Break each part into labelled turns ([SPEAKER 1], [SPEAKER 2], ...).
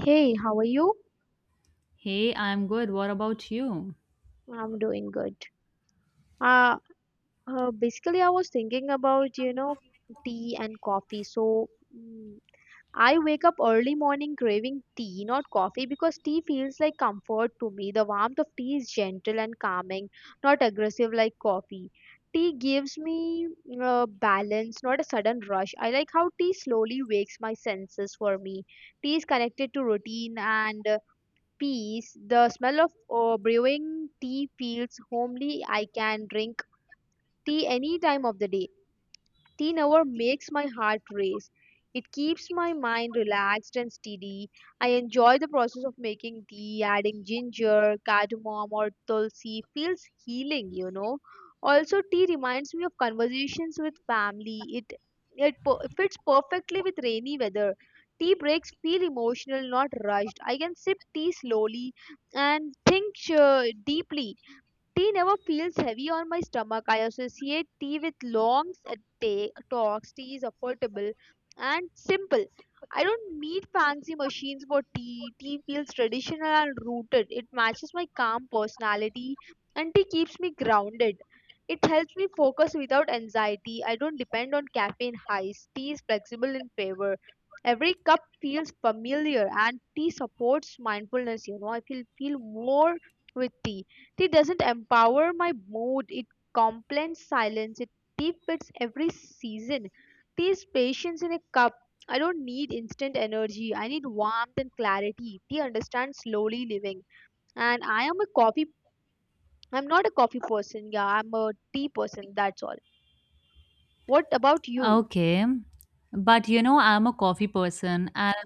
[SPEAKER 1] Hey, how are you?
[SPEAKER 2] Hey, I'm good. What about you?
[SPEAKER 1] I'm doing good. Uh, basically, I was thinking about, tea and coffee. So, mm, I wake up early morning craving tea, not coffee, because tea feels like comfort to me. The warmth of tea is gentle and calming, not aggressive like coffee. Tea gives me balance, not a sudden rush. I like how tea slowly wakes my senses for me. Tea is connected to routine and peace. The smell of brewing tea feels homely. I can drink tea any time of the day. Teen hour makes my heart race. It keeps my mind relaxed and steady. I enjoy the process of making tea. Adding ginger, cardamom, or tulsi feels healing. Also, tea reminds me of conversations with family. It fits perfectly with rainy weather. Tea breaks feel emotional, not rushed. I can sip tea slowly and think deeply. Tea never feels heavy on my stomach. I associate tea with long talks. Tea is affordable and simple. I don't need fancy machines for tea. Tea feels traditional and rooted. It matches my calm personality, and tea keeps me grounded. It helps me focus without anxiety. I don't depend on caffeine highs. Tea is flexible in favor. Every cup feels familiar, and tea supports mindfulness. I feel more with tea. Tea doesn't empower my mood, it complains silence, it tea every season. Tea is patience in a cup. I don't need instant energy. I need warmth and clarity. Tea understands slowly living. And I am a coffee I'm not a coffee person, yeah, I'm a tea person, that's all. What about you?
[SPEAKER 2] Okay. But you know, I'm a coffee person. And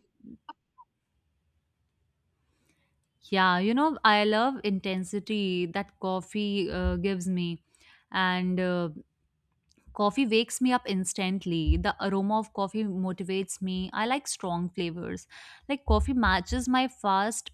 [SPEAKER 2] yeah, you know, I love intensity that coffee gives me. And Coffee wakes me up instantly. The aroma of coffee motivates me. I like strong flavors. Like, coffee matches my fast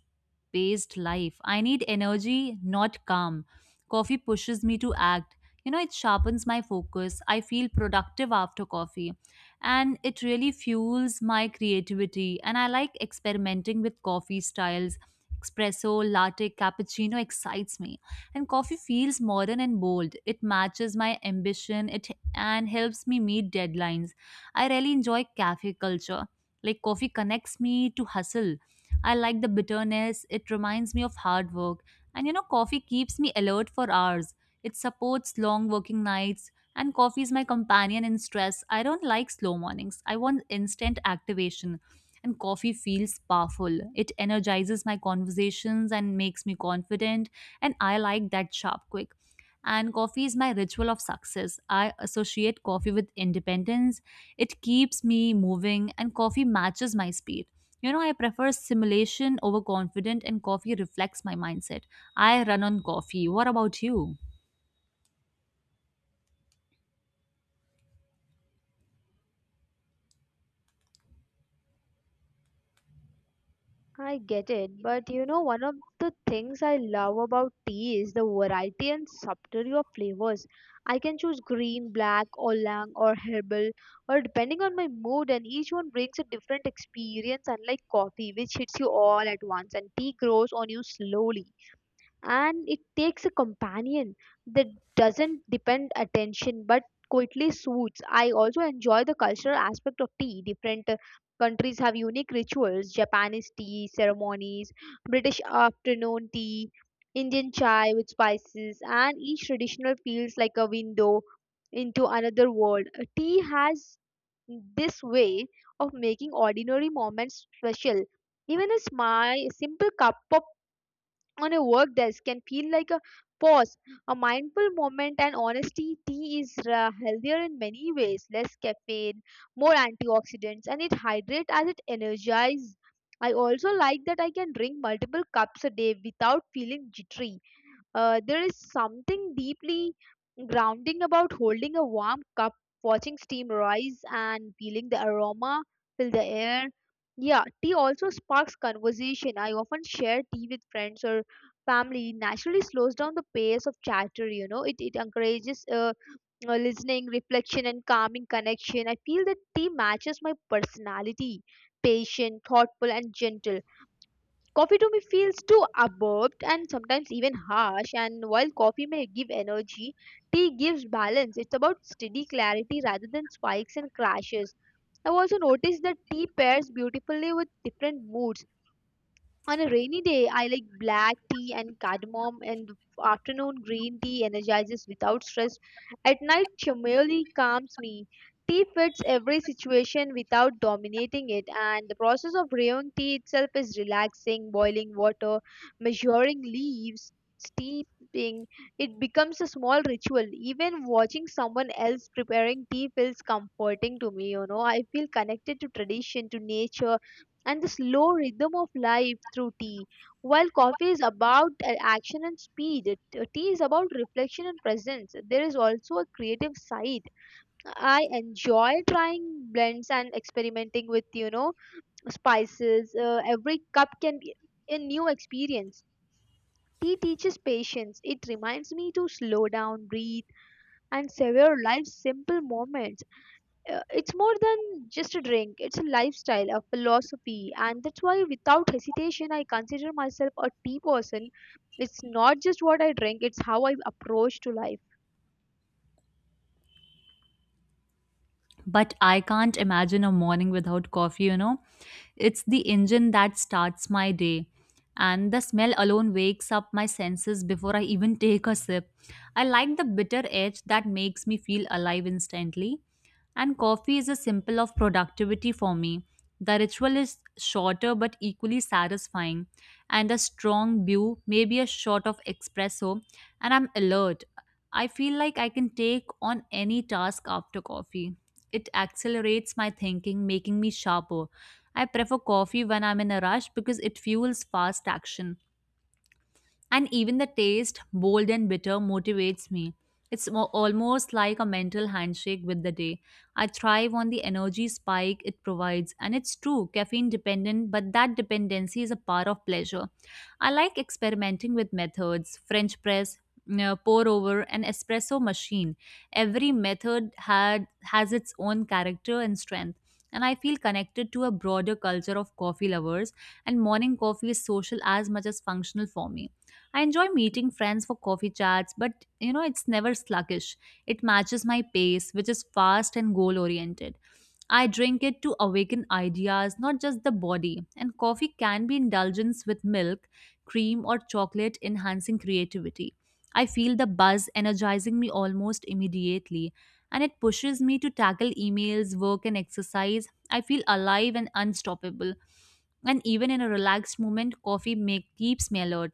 [SPEAKER 2] paced life. I need energy, not calm. Coffee pushes me to act. You know, it sharpens my focus. I feel productive after coffee. And it really fuels my creativity. And I like experimenting with coffee styles. Espresso, latte, cappuccino excites me. And coffee feels modern and bold. It matches my ambition, and helps me meet deadlines. I really enjoy cafe culture. Like coffee connects me to hustle. I like the bitterness, it reminds me of hard work, and you know, coffee keeps me alert for hours. It supports long working nights, and coffee is my companion in stress. I don't like slow mornings, I want instant activation. And coffee feels powerful. It energizes my conversations and makes me confident, and I like that sharp quick, and coffee is my ritual of success. I associate coffee with independence. It keeps me moving and coffee matches my speed. You know, I prefer simulation over confident and coffee reflects my mindset. I run on coffee. What about you?
[SPEAKER 1] I get it, but one of the things I love about tea is the variety and subtlety of flavors. I can choose green, black, oolong, or herbal, or depending on my mood, and each one brings a different experience, unlike coffee, which hits you all at once. And tea grows on you slowly, and it takes a companion that doesn't depend attention but quietly suits. I also enjoy the cultural aspect of tea. Different countries have unique rituals. Japanese tea ceremonies, British afternoon tea, Indian chai with spices, and each traditional feels like a window into another world. Tea has this way of making ordinary moments special. Even a small simple cup of on a work desk can feel like a pause, a mindful moment, and honesty, tea is healthier in many ways. Less caffeine, more antioxidants, and it hydrates as it energizes. I also like that I can drink multiple cups a day without feeling jittery. There is something deeply grounding about holding a warm cup, watching steam rise, and feeling the aroma fill the air. Yeah, tea also sparks conversation. I often share tea with friends or family. It naturally slows down the pace of chatter. It encourages listening, reflection, and calming connection. I feel that tea matches my personality, patient, thoughtful, and gentle. Coffee to me feels too abrupt and sometimes even harsh. And while coffee may give energy, tea gives balance. It's about steady clarity rather than spikes and crashes. I've also noticed that tea pairs beautifully with different moods. On a rainy day I like black tea and cardamom, and afternoon green tea energizes without stress. At night chamomile calms me. Tea fits every situation without dominating it, and the process of brewing tea itself is relaxing: boiling water, measuring leaves, steeping. It becomes a small ritual. Even watching someone else preparing tea feels comforting to me. You know I feel connected to tradition, to nature, and the slow rhythm of life through tea. While coffee is about action and speed, tea is about reflection and presence. There is also a creative side. I enjoy trying blends and experimenting with spices. Every cup can be a new experience. Tea teaches patience. It reminds me to slow down, breathe, and savor life's simple moments. It's more than just a drink, it's a lifestyle, a philosophy, and that's why without hesitation I consider myself a tea person. It's not just what I drink, it's how I approach to life.
[SPEAKER 2] But I can't imagine a morning without coffee, you know. It's the engine that starts my day. And the smell alone wakes up my senses before I even take a sip. I like the bitter edge that makes me feel alive instantly. And coffee is a symbol of productivity for me. The ritual is shorter but equally satisfying. And a strong brew, maybe a shot of espresso, and I'm alert. I feel like I can take on any task after coffee. It accelerates my thinking, making me sharper. I prefer coffee when I'm in a rush because it fuels fast action. And even the taste, bold and bitter, motivates me. It's almost like a mental handshake with the day. I thrive on the energy spike it provides, and it's true, caffeine dependent, but that dependency is a part of pleasure. I like experimenting with methods, French press, pour over, an espresso machine. Every method had has its own character and strength, and I feel connected to a broader culture of coffee lovers. And morning coffee is social as much as functional for me. I enjoy meeting friends for coffee chats, but you know, it's never sluggish. It matches my pace, which is fast and goal oriented. I drink it to awaken ideas, not just the body. And coffee can be indulgence with milk, cream, or chocolate, enhancing creativity. I feel the buzz energizing me almost immediately, and it pushes me to tackle emails, work, and exercise. I feel alive and unstoppable. And even in a relaxed moment, coffee keeps me alert.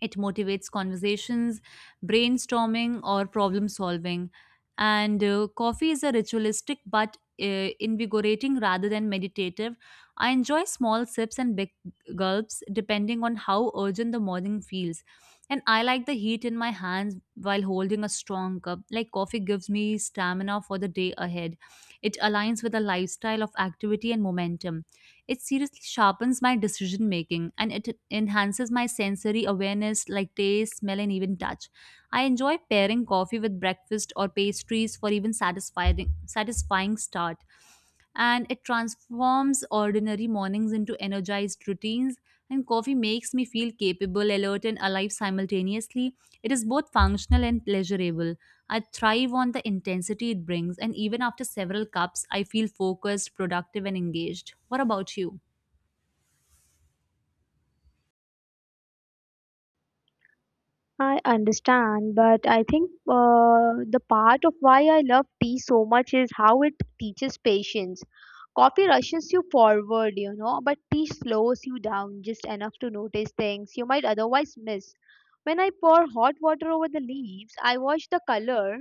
[SPEAKER 2] It motivates conversations, brainstorming, or problem solving. And Coffee is a ritualistic but invigorating rather than meditative. I enjoy small sips and big gulps depending on how urgent the morning feels. And I like the heat in my hands while holding a strong cup. Like coffee gives me stamina for the day ahead. It aligns with a lifestyle of activity and momentum. It seriously sharpens my decision making and it enhances my sensory awareness like taste, smell, and even touch. I enjoy pairing coffee with breakfast or pastries for even satisfying start. And it transforms ordinary mornings into energized routines. And coffee makes me feel capable, alert, and alive simultaneously. It is both functional and pleasurable. I thrive on the intensity it brings, and even after several cups, I feel focused, productive, and engaged. What about you?
[SPEAKER 1] I understand, but I think uh, the part of why I love tea so much is how it teaches patience. Coffee rushes you forward, but tea slows you down just enough to notice things you might otherwise miss. When I pour hot water over the leaves, I watch the color.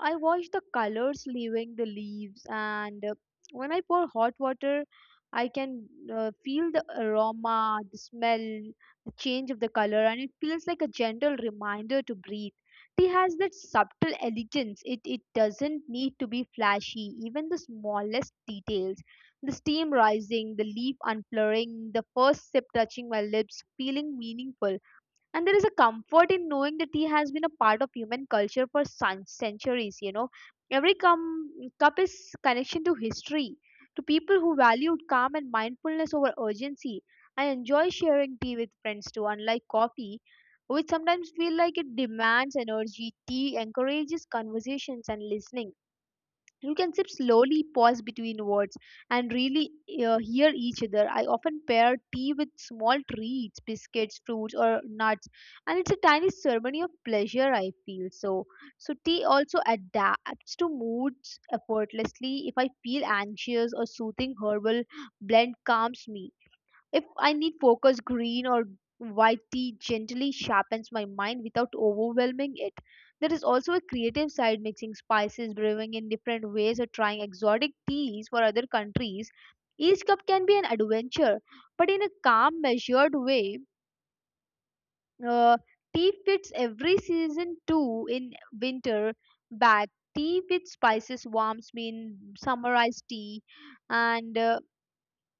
[SPEAKER 1] I watch the colors leaving the leaves, and When I pour hot water, I can feel the aroma, the smell, the change of the color, and it feels like a gentle reminder to breathe. Tea has that subtle elegance. It doesn't need to be flashy, even the smallest details. The steam rising, the leaf unfurling, the first sip touching my lips, feeling meaningful. And there is a comfort in knowing that tea has been a part of human culture for centuries. Every cup is connection to history, to people who valued calm and mindfulness over urgency. I enjoy sharing tea with friends too. Unlike coffee, which sometimes feel like it demands energy, tea encourages conversations and listening. You can sip slowly, pause between words, and really hear each other. I often pair tea with small treats, biscuits, fruits, or nuts, and it's a tiny ceremony of pleasure. I feel so. So tea also adapts to moods effortlessly. If I feel anxious, or soothing herbal blend calms me. If I need focus, green or white tea gently sharpens my mind without overwhelming it. There is also a creative side: mixing spices, brewing in different ways, or trying exotic teas for other countries. Each cup can be an adventure, but in a calm, measured way. Uh, Tea fits every season too. In winter, back tea with spices warms me. In summer iced tea, and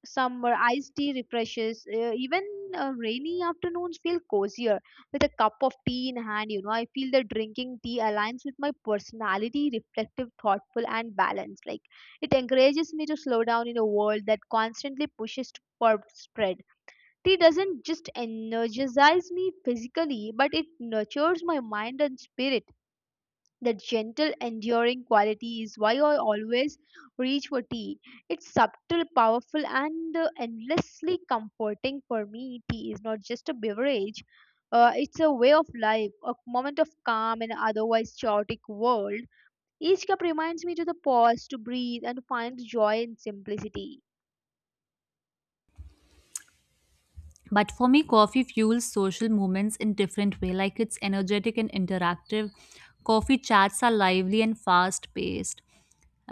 [SPEAKER 1] summer iced tea refreshes. Even rainy afternoons feel cozier with a cup of tea in hand. I feel that drinking tea aligns with my personality, reflective, thoughtful, and balanced. Like it encourages me to slow down in a world that constantly pushes for spread. Tea doesn't just energize me physically, but it nurtures my mind and spirit. That gentle, enduring quality is why I always reach for tea. It's subtle, powerful, and endlessly comforting for me. Tea is not just a beverage, it's a way of life, a moment of calm in an otherwise chaotic world. Each cup reminds me to the pause, to breathe, and find joy in simplicity.
[SPEAKER 2] But for me coffee fuels social movements in different way, like it's energetic and interactive. Coffee chats are lively and fast paced,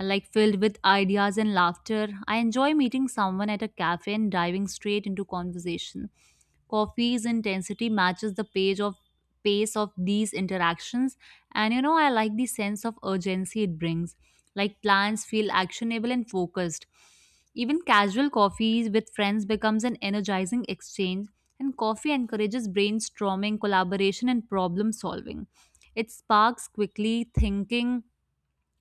[SPEAKER 2] like filled with ideas and laughter. I enjoy meeting someone at a cafe and diving straight into conversation. Coffee's intensity matches the page of pace of these interactions, and you know, I like the sense of urgency it brings, like plans feel actionable and focused. Even casual coffees with friends becomes an energizing exchange, and coffee encourages brainstorming, collaboration, and problem solving. It sparks quickly thinking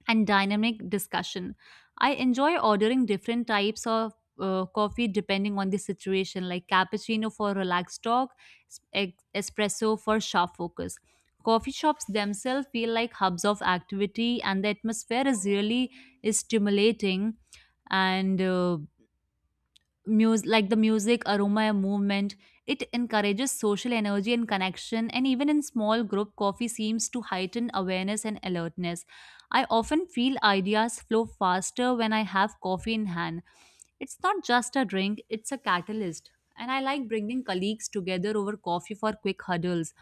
[SPEAKER 2] and dynamic discussion. I enjoy ordering different types of coffee depending on the situation, like cappuccino for relaxed talk, espresso for sharp focus. Coffee shops themselves feel like hubs of activity, and the atmosphere is really stimulating and Mus like the music, aroma, and movement, it encourages social energy and connection, and even in small group, coffee seems to heighten awareness and alertness. I often feel ideas flow faster when I have coffee in hand, it's not just a drink, it's a catalyst. And I like bringing colleagues together over coffee for quick huddles.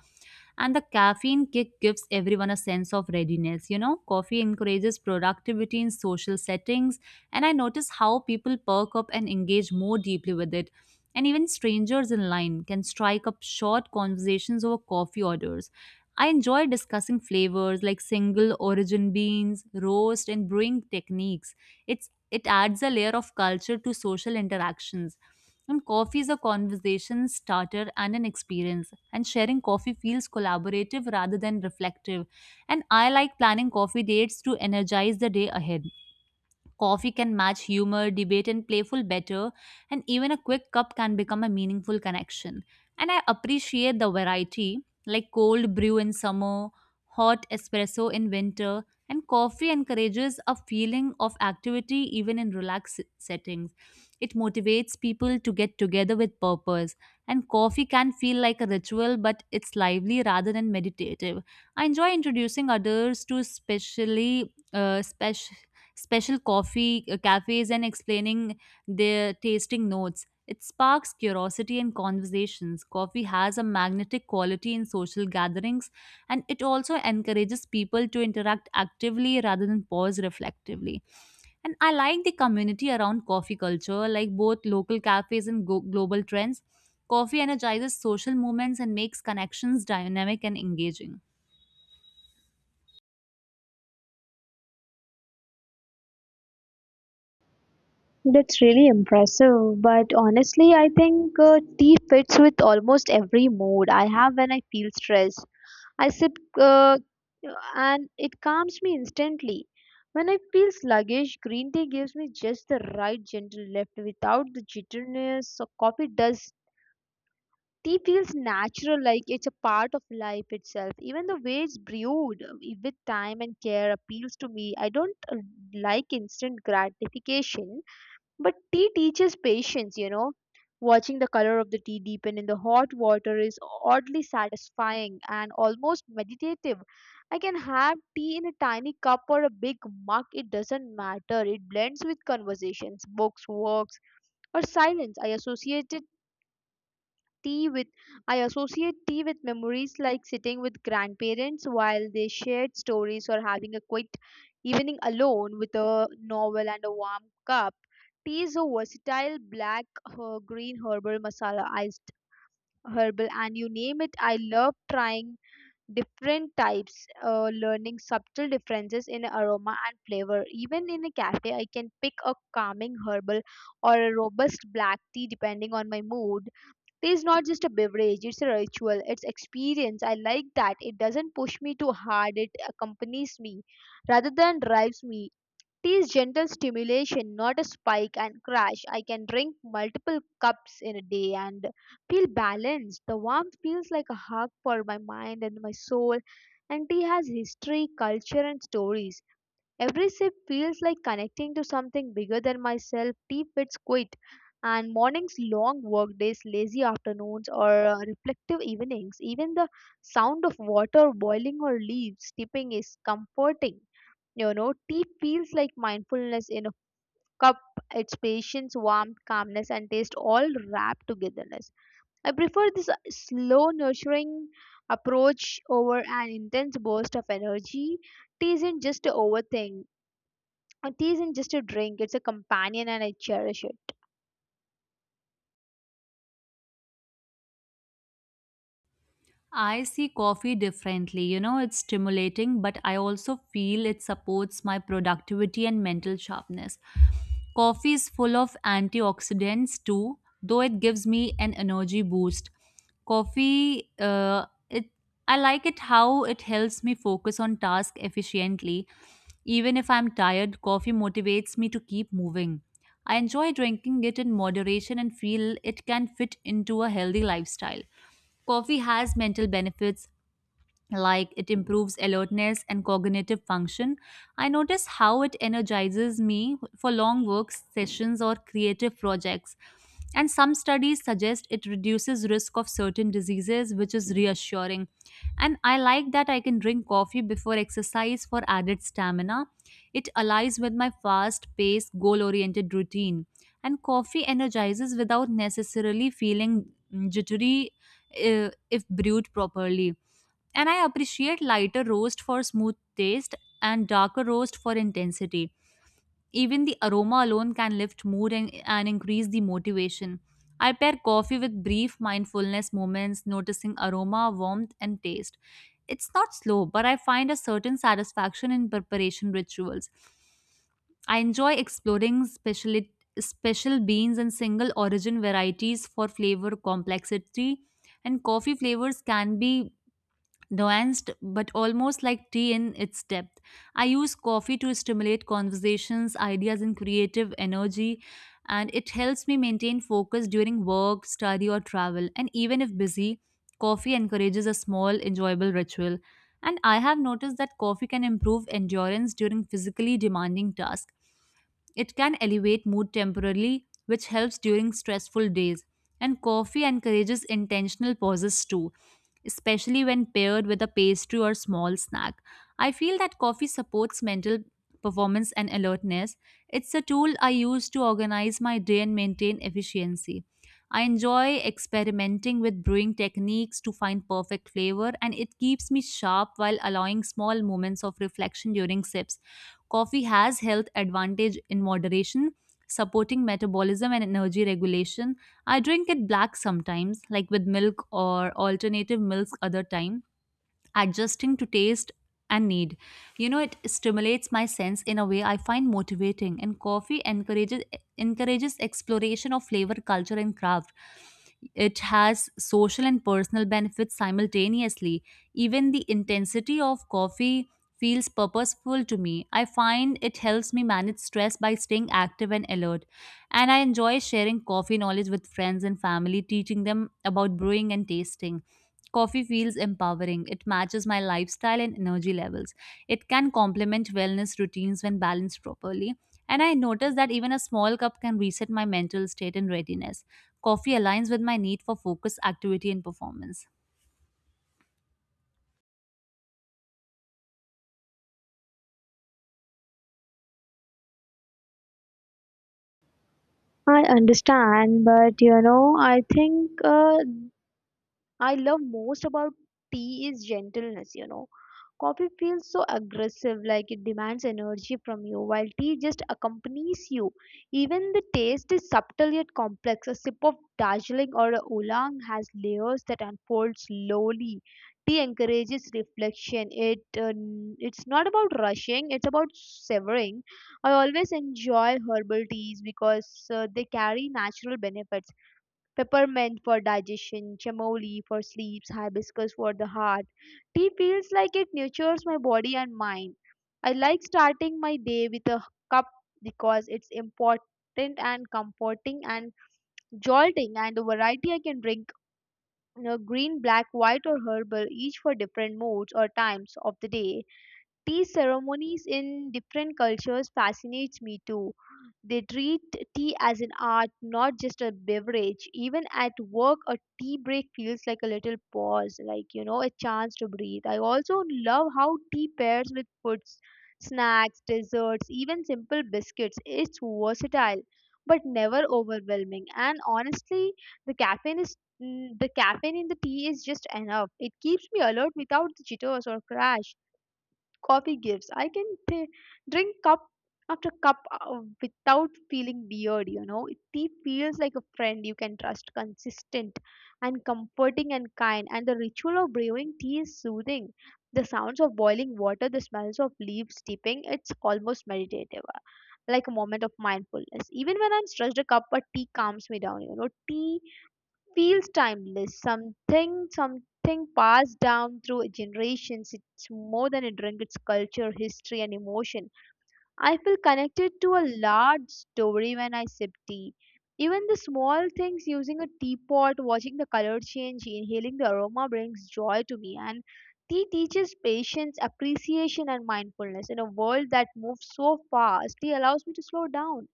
[SPEAKER 2] And the caffeine kick gives everyone a sense of readiness. You know, coffee encourages productivity in social settings, and I notice how people perk up and engage more deeply with it. And even strangers in line can strike up short conversations over coffee orders. I enjoy discussing flavors like single origin beans, roast, and brewing techniques. It it adds a layer of culture to social interactions. And coffee is a conversation starter and an experience. And sharing coffee feels collaborative rather than reflective. And I like planning coffee dates to energize the day ahead. Coffee can match humor, debate, and playful better, and even a quick cup can become a meaningful connection. And I appreciate the variety, like cold brew in summer, hot espresso in winter, and coffee encourages a feeling of activity even in relaxed settings. It motivates people to get together with purpose, and coffee can feel like a ritual, but it's lively rather than meditative. I enjoy introducing others to special coffee cafes and explaining their tasting notes. It sparks curiosity and conversations. Coffee has a magnetic quality in social gatherings, and it also encourages people to interact actively rather than pause reflectively. And I like the community around coffee culture, like both local cafes and global trends. Coffee energizes social movements and makes connections dynamic and engaging.
[SPEAKER 1] That's really impressive, but honestly, I think tea fits with almost every mood I have. When I feel stressed, I sip uh, and it calms me instantly. When I feel sluggish, green tea gives me just the right gentle lift without the jitteriness so coffee does. Tea feels natural, like it's a part of life itself. Even the way it's brewed with time and care appeals to me. I don't like instant gratification, but tea teaches patience. Watching the color of the tea deepen in the hot water is oddly satisfying and almost meditative. I can have tea in a tiny cup or a big mug, it doesn't matter. It blends with conversations, books, walks, or silence. Tea with I associate tea with memories, like sitting with grandparents while they shared stories, or having a quiet evening alone with a novel and a warm cup. Tea is a versatile black, her, green herbal masala, iced herbal, and you name it. I love trying different types, learning subtle differences in aroma and flavor. Even in a cafe, I can pick a calming herbal or a robust black tea depending on my mood. Tea is not just a beverage, it's a ritual, it's experience. I like that. It doesn't push me too hard, it accompanies me rather than drives me. Tea is gentle stimulation, not a spike and crash. I can drink multiple cups in a day and feel balanced. The warmth feels like a hug for my mind and my soul. And tea has history, culture, and stories. Every sip feels like connecting to something bigger than myself. Tea fits quit, and mornings, long work days, lazy afternoons, or reflective evenings. Even the sound of water boiling or leaves tipping is comforting. Tea feels like mindfulness in a cup. It's patience, warmth, calmness, and taste all wrapped togetherness. I prefer this slow, nurturing approach over an intense burst of energy. Tea isn't just a overthink it isn't just a drink, it's a companion, and I cherish it.
[SPEAKER 2] I see coffee differently. You know, it's stimulating, but I also feel it supports my productivity and mental sharpness. Coffee is full of antioxidants too, though it gives me an energy boost. Coffee, it I like it how it helps me focus on task efficiently. Even if I'm tired, coffee motivates me to keep moving. I enjoy drinking it in moderation and feel it can fit into a healthy lifestyle. Coffee has mental benefits like it improves alertness and cognitive function. I notice how it energizes me for long work sessions or creative projects. And some studies suggest it reduces risk of certain diseases, which is reassuring. And I like that I can drink coffee before exercise for added stamina. It aligns with my fast paced, goal oriented routine. And coffee energizes without necessarily feeling jittery if brewed properly, and I appreciate lighter roast for smooth taste and darker roast for intensity. Even the aroma alone can lift mood and increase the motivation. I pair coffee with brief mindfulness moments, noticing aroma, warmth, and taste. It's not slow, but I find a certain satisfaction in preparation rituals. I enjoy exploring special beans and single origin varieties for flavor complexity, and coffee flavors can be nuanced but almost like tea in its depth. I use coffee to stimulate conversations, ideas, and creative energy, and it helps me maintain focus during work, study, or travel. And even if busy, coffee encourages a small, enjoyable ritual. And I have noticed that coffee can improve endurance during physically demanding tasks. It can elevate mood temporarily, which helps during stressful days. And coffee encourages intentional pauses too, especially when paired with a pastry or small snack. I feel that coffee supports mental performance and alertness. It's a tool I use to organize my day and maintain efficiency. I enjoy experimenting with brewing techniques to find perfect flavor, and it keeps me sharp while allowing small moments of reflection during sips. Coffee has health advantage in moderation, supporting metabolism and energy regulation. I drink it black sometimes, like with milk or alternative milks other time, adjusting to taste and need. You know, it stimulates my sense in a way I find motivating, and coffee encourages exploration of flavor, culture, and craft. It has social and personal benefits simultaneously. Even the intensity of coffee feels purposeful to me. I find it helps me manage stress by staying active and alert. And I enjoy sharing coffee knowledge with friends and family, teaching them about brewing and tasting. Coffee feels empowering. It matches my lifestyle and energy levels. It can complement wellness routines when balanced properly. And I notice that even a small cup can reset my mental state and readiness. Coffee aligns with my need for focus, activity, and performance.
[SPEAKER 1] I understand, but I think I love most about tea is gentleness. Coffee feels so aggressive, like it demands energy from you, while tea just accompanies you. Even the taste is subtle yet complex. A sip of Darjeeling or a Oolong has layers that unfold slowly. Tea encourages reflection. It's not about rushing; it's about severing. I always enjoy herbal teas because they carry natural benefits peppermint for digestion, chamomile for sleeps, hibiscus for the heart. Tea feels like it nurtures my body and mind. I like starting my day with a cup because it's important and comforting and jolting and the variety I can drink, green, black, white or herbal each for different moods or times of the day. Tea ceremonies in different cultures fascinates me too. They treat tea as an art, not just a beverage. Even at work, a tea break feels like a little pause, like a chance to breathe. I also love how tea pairs with foods, snacks, desserts, even simple biscuits. It's versatile, but never overwhelming. And honestly, the caffeine is the caffeine in the tea is just enough. It keeps me alert without the jitters or crash coffee gives. Drink cup after cup without feeling weird. It tea feels like a friend you can trust, consistent and comforting and kind. And the ritual of brewing tea is soothing. The sounds of boiling water, the smells of leaves dipping, it's almost meditative, like a moment of mindfulness. Even when I'm stressed, a cup of tea calms me down. Tea feels timeless, something passed down through generations. It's more than a drink, it's culture, history, and emotion. I feel connected to a large story when I sip tea. Even the small things, using a teapot, watching the color change, inhaling the aroma brings joy to me. And tea teaches patience, appreciation, and mindfulness. In a world that moves so fast, tea allows me to slow down.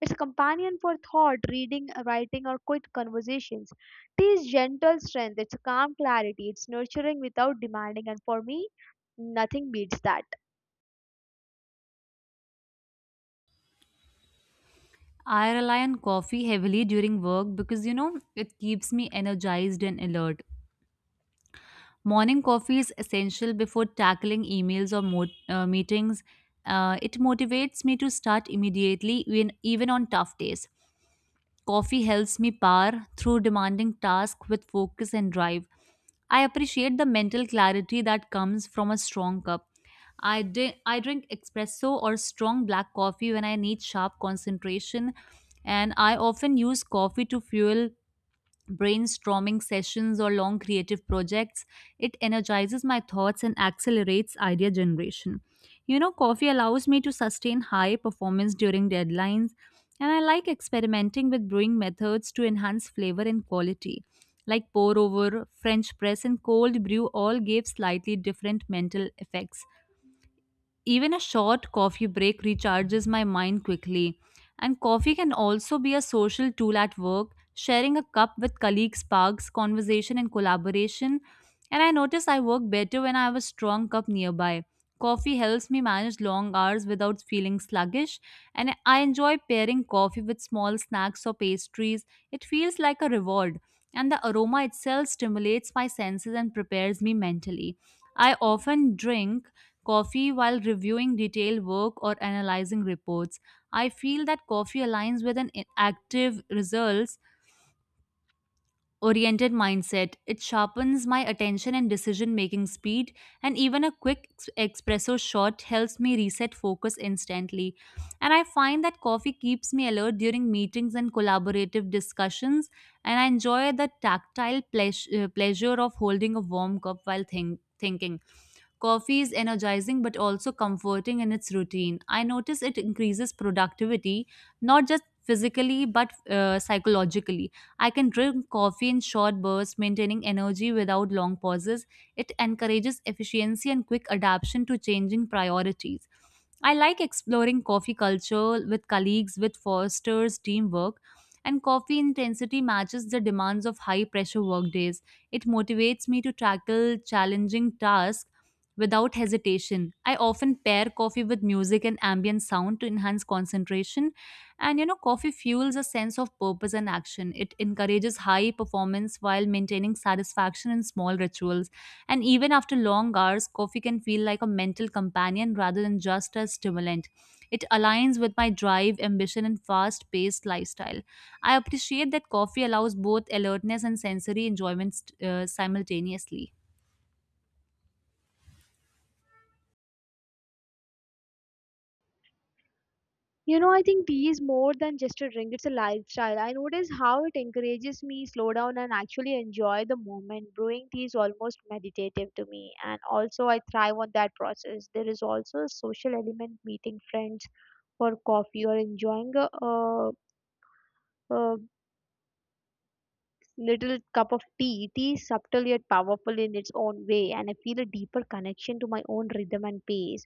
[SPEAKER 1] It's a companion for thought, reading, writing, or quick conversations. Tea is gentle strength, it's a calm clarity, it's nurturing without demanding, and for me, nothing beats that.
[SPEAKER 2] I rely on coffee heavily during work because you know it keeps me energized and alert. Morning coffee is essential before tackling emails or meetings. It motivates me to start immediately, even on tough days. Coffee helps me power through demanding tasks with focus and drive. I appreciate the mental clarity that comes from a strong cup. I drink espresso or strong black coffee when I need sharp concentration, and I often use coffee to fuel brainstorming sessions or long creative projects. It energizes my thoughts and accelerates idea generation. You know, coffee allows me to sustain high performance during deadlines, and I like experimenting with brewing methods to enhance flavor and quality. Like pour over, French press, and cold brew all gave slightly different mental effects. Even a short coffee break recharges my mind quickly. And coffee can also be a social tool at work. Sharing a cup with colleagues sparks conversation and collaboration. And I notice I work better when I have a strong cup nearby. Coffee helps me manage long hours without feeling sluggish, and I enjoy pairing coffee with small snacks or pastries. It feels like a reward, and the aroma itself stimulates my senses and prepares me mentally. I often drink coffee while reviewing detailed work or analyzing reports. I feel that coffee aligns with an active, results oriented mindset. It sharpens my attention and decision making speed, and even a quick espresso shot helps me reset focus instantly. And I find that coffee keeps me alert during meetings and collaborative discussions, and I enjoy the tactile pleasure of holding a warm cup while thinking. Coffee is energizing but also comforting in its routine. I notice it increases productivity, not just physically but psychologically. I can drink coffee in short bursts, maintaining energy without long pauses. It encourages efficiency and quick adaptation to changing priorities. I like exploring coffee culture with colleagues, with fosters teamwork, and coffee intensity matches the demands of high pressure workdays. It motivates me to tackle challenging tasks without hesitation. I often pair coffee with music and ambient sound to enhance concentration. And you know, coffee fuels a sense of purpose and action. It encourages high performance while maintaining satisfaction in small rituals. And even after long hours, coffee can feel like a mental companion rather than just a stimulant. It aligns with my drive, ambition, and fast paced lifestyle. I appreciate that coffee allows both alertness and sensory enjoyment simultaneously.
[SPEAKER 1] You know, I think tea is more than just a drink, it's a lifestyle. I notice how it encourages me slow down and actually enjoy the moment. Brewing tea is almost meditative to me, and also I thrive on that process. There is also a social element, meeting friends for coffee or enjoying a little cup of tea. Tea is subtle yet powerful in its own way, and I feel a deeper connection to my own rhythm and pace.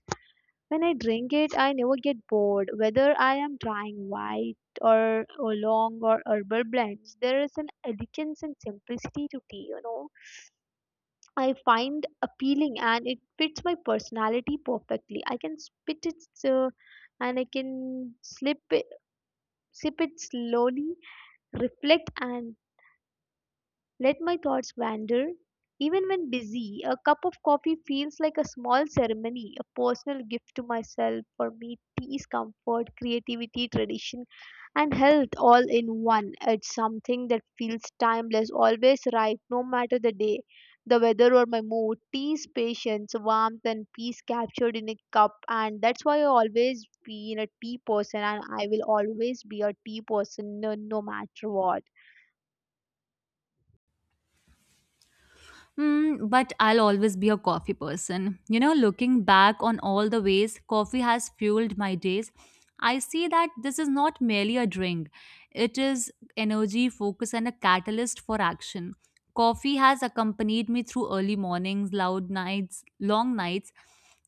[SPEAKER 1] When I drink it, I never get bored. Whether I am trying white or oolong or herbal blends, there is an elegance and simplicity to tea, you know. I find appealing and it fits my personality perfectly. Uh, I can sip it slowly, reflect and let my thoughts wander. Even when busy, a cup of coffee feels like a small ceremony, a personal gift to myself. For me, peace, comfort, creativity, tradition, and health all in one. It's something that feels timeless, always right, no matter the day, the weather, or my mood. Tea's patience, warmth, and peace captured in a cup. And that's why I always been a tea person, and I will always be a tea person no matter what.
[SPEAKER 2] Mm, but I'll always be a coffee person. You know, looking back on all the ways coffee has fueled my days, I see that this is not merely a drink, it is energy, focus, and a catalyst for action. Coffee has accompanied me through early mornings, loud nights, long nights,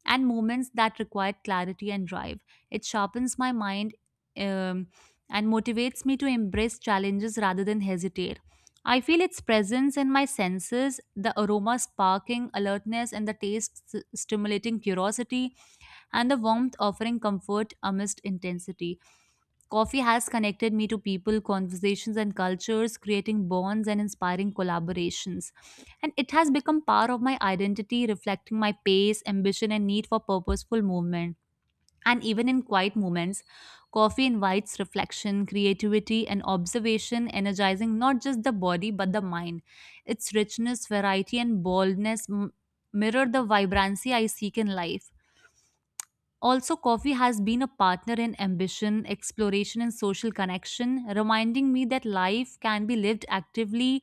[SPEAKER 2] and moments that required clarity and drive. It sharpens my mind um, and motivates me to embrace challenges rather than hesitate. I feel its presence in my senses, the aroma sparking alertness and the taste stimulating curiosity, and the warmth offering comfort amidst intensity. Coffee has connected me to people, conversations, and cultures, creating bonds and inspiring collaborations. And it has become part of my identity, reflecting my pace, ambition, and need for purposeful movement. And even in quiet moments, coffee invites reflection, creativity, and observation, energizing not just the body but the mind. Its richness, variety, and boldness mirror the vibrancy I seek in life. Also, coffee has been a partner in ambition, exploration, and social connection, reminding me that life can be lived actively,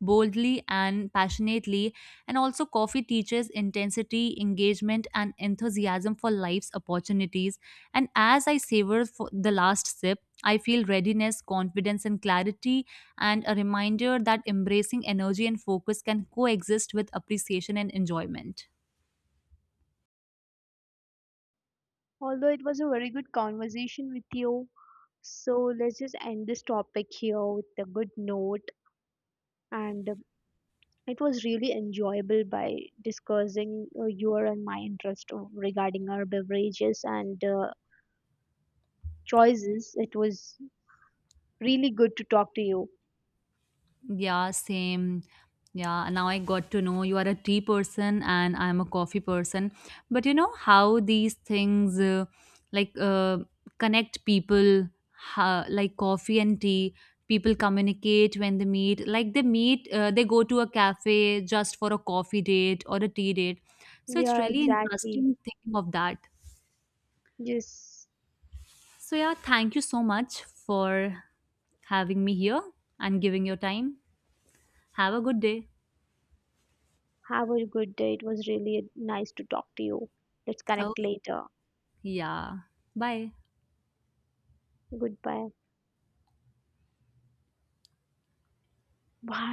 [SPEAKER 2] boldly, and passionately. And also, coffee teaches intensity, engagement, and enthusiasm for life's opportunities. And as I savor for the last sip, I feel readiness, confidence, and clarity, and a reminder that embracing energy and focus can coexist with appreciation and enjoyment.
[SPEAKER 1] Although it was a very good conversation with you, so let's just end this topic here with a good note. And it was really enjoyable by discussing your and my regarding our beverages and choices. It was really good to talk to you.
[SPEAKER 2] Yeah, same. Yeah, now I got to know you are a tea person and I'm a coffee person. But you know how these things like connect people, how, like coffee and tea. People communicate when they meet. Like they meet, they go to a cafe just for a coffee date or a tea date. So it's
[SPEAKER 1] Yeah,
[SPEAKER 2] really
[SPEAKER 1] exactly.
[SPEAKER 2] interesting thinking of that.
[SPEAKER 1] Just
[SPEAKER 2] So yeah, thank you so much for having me here and giving your time. Have a good day.
[SPEAKER 1] have a good day. It was really nice to talk to you. Let's connect later.
[SPEAKER 2] Yeah. Bye.
[SPEAKER 1] Goodbye. Bye.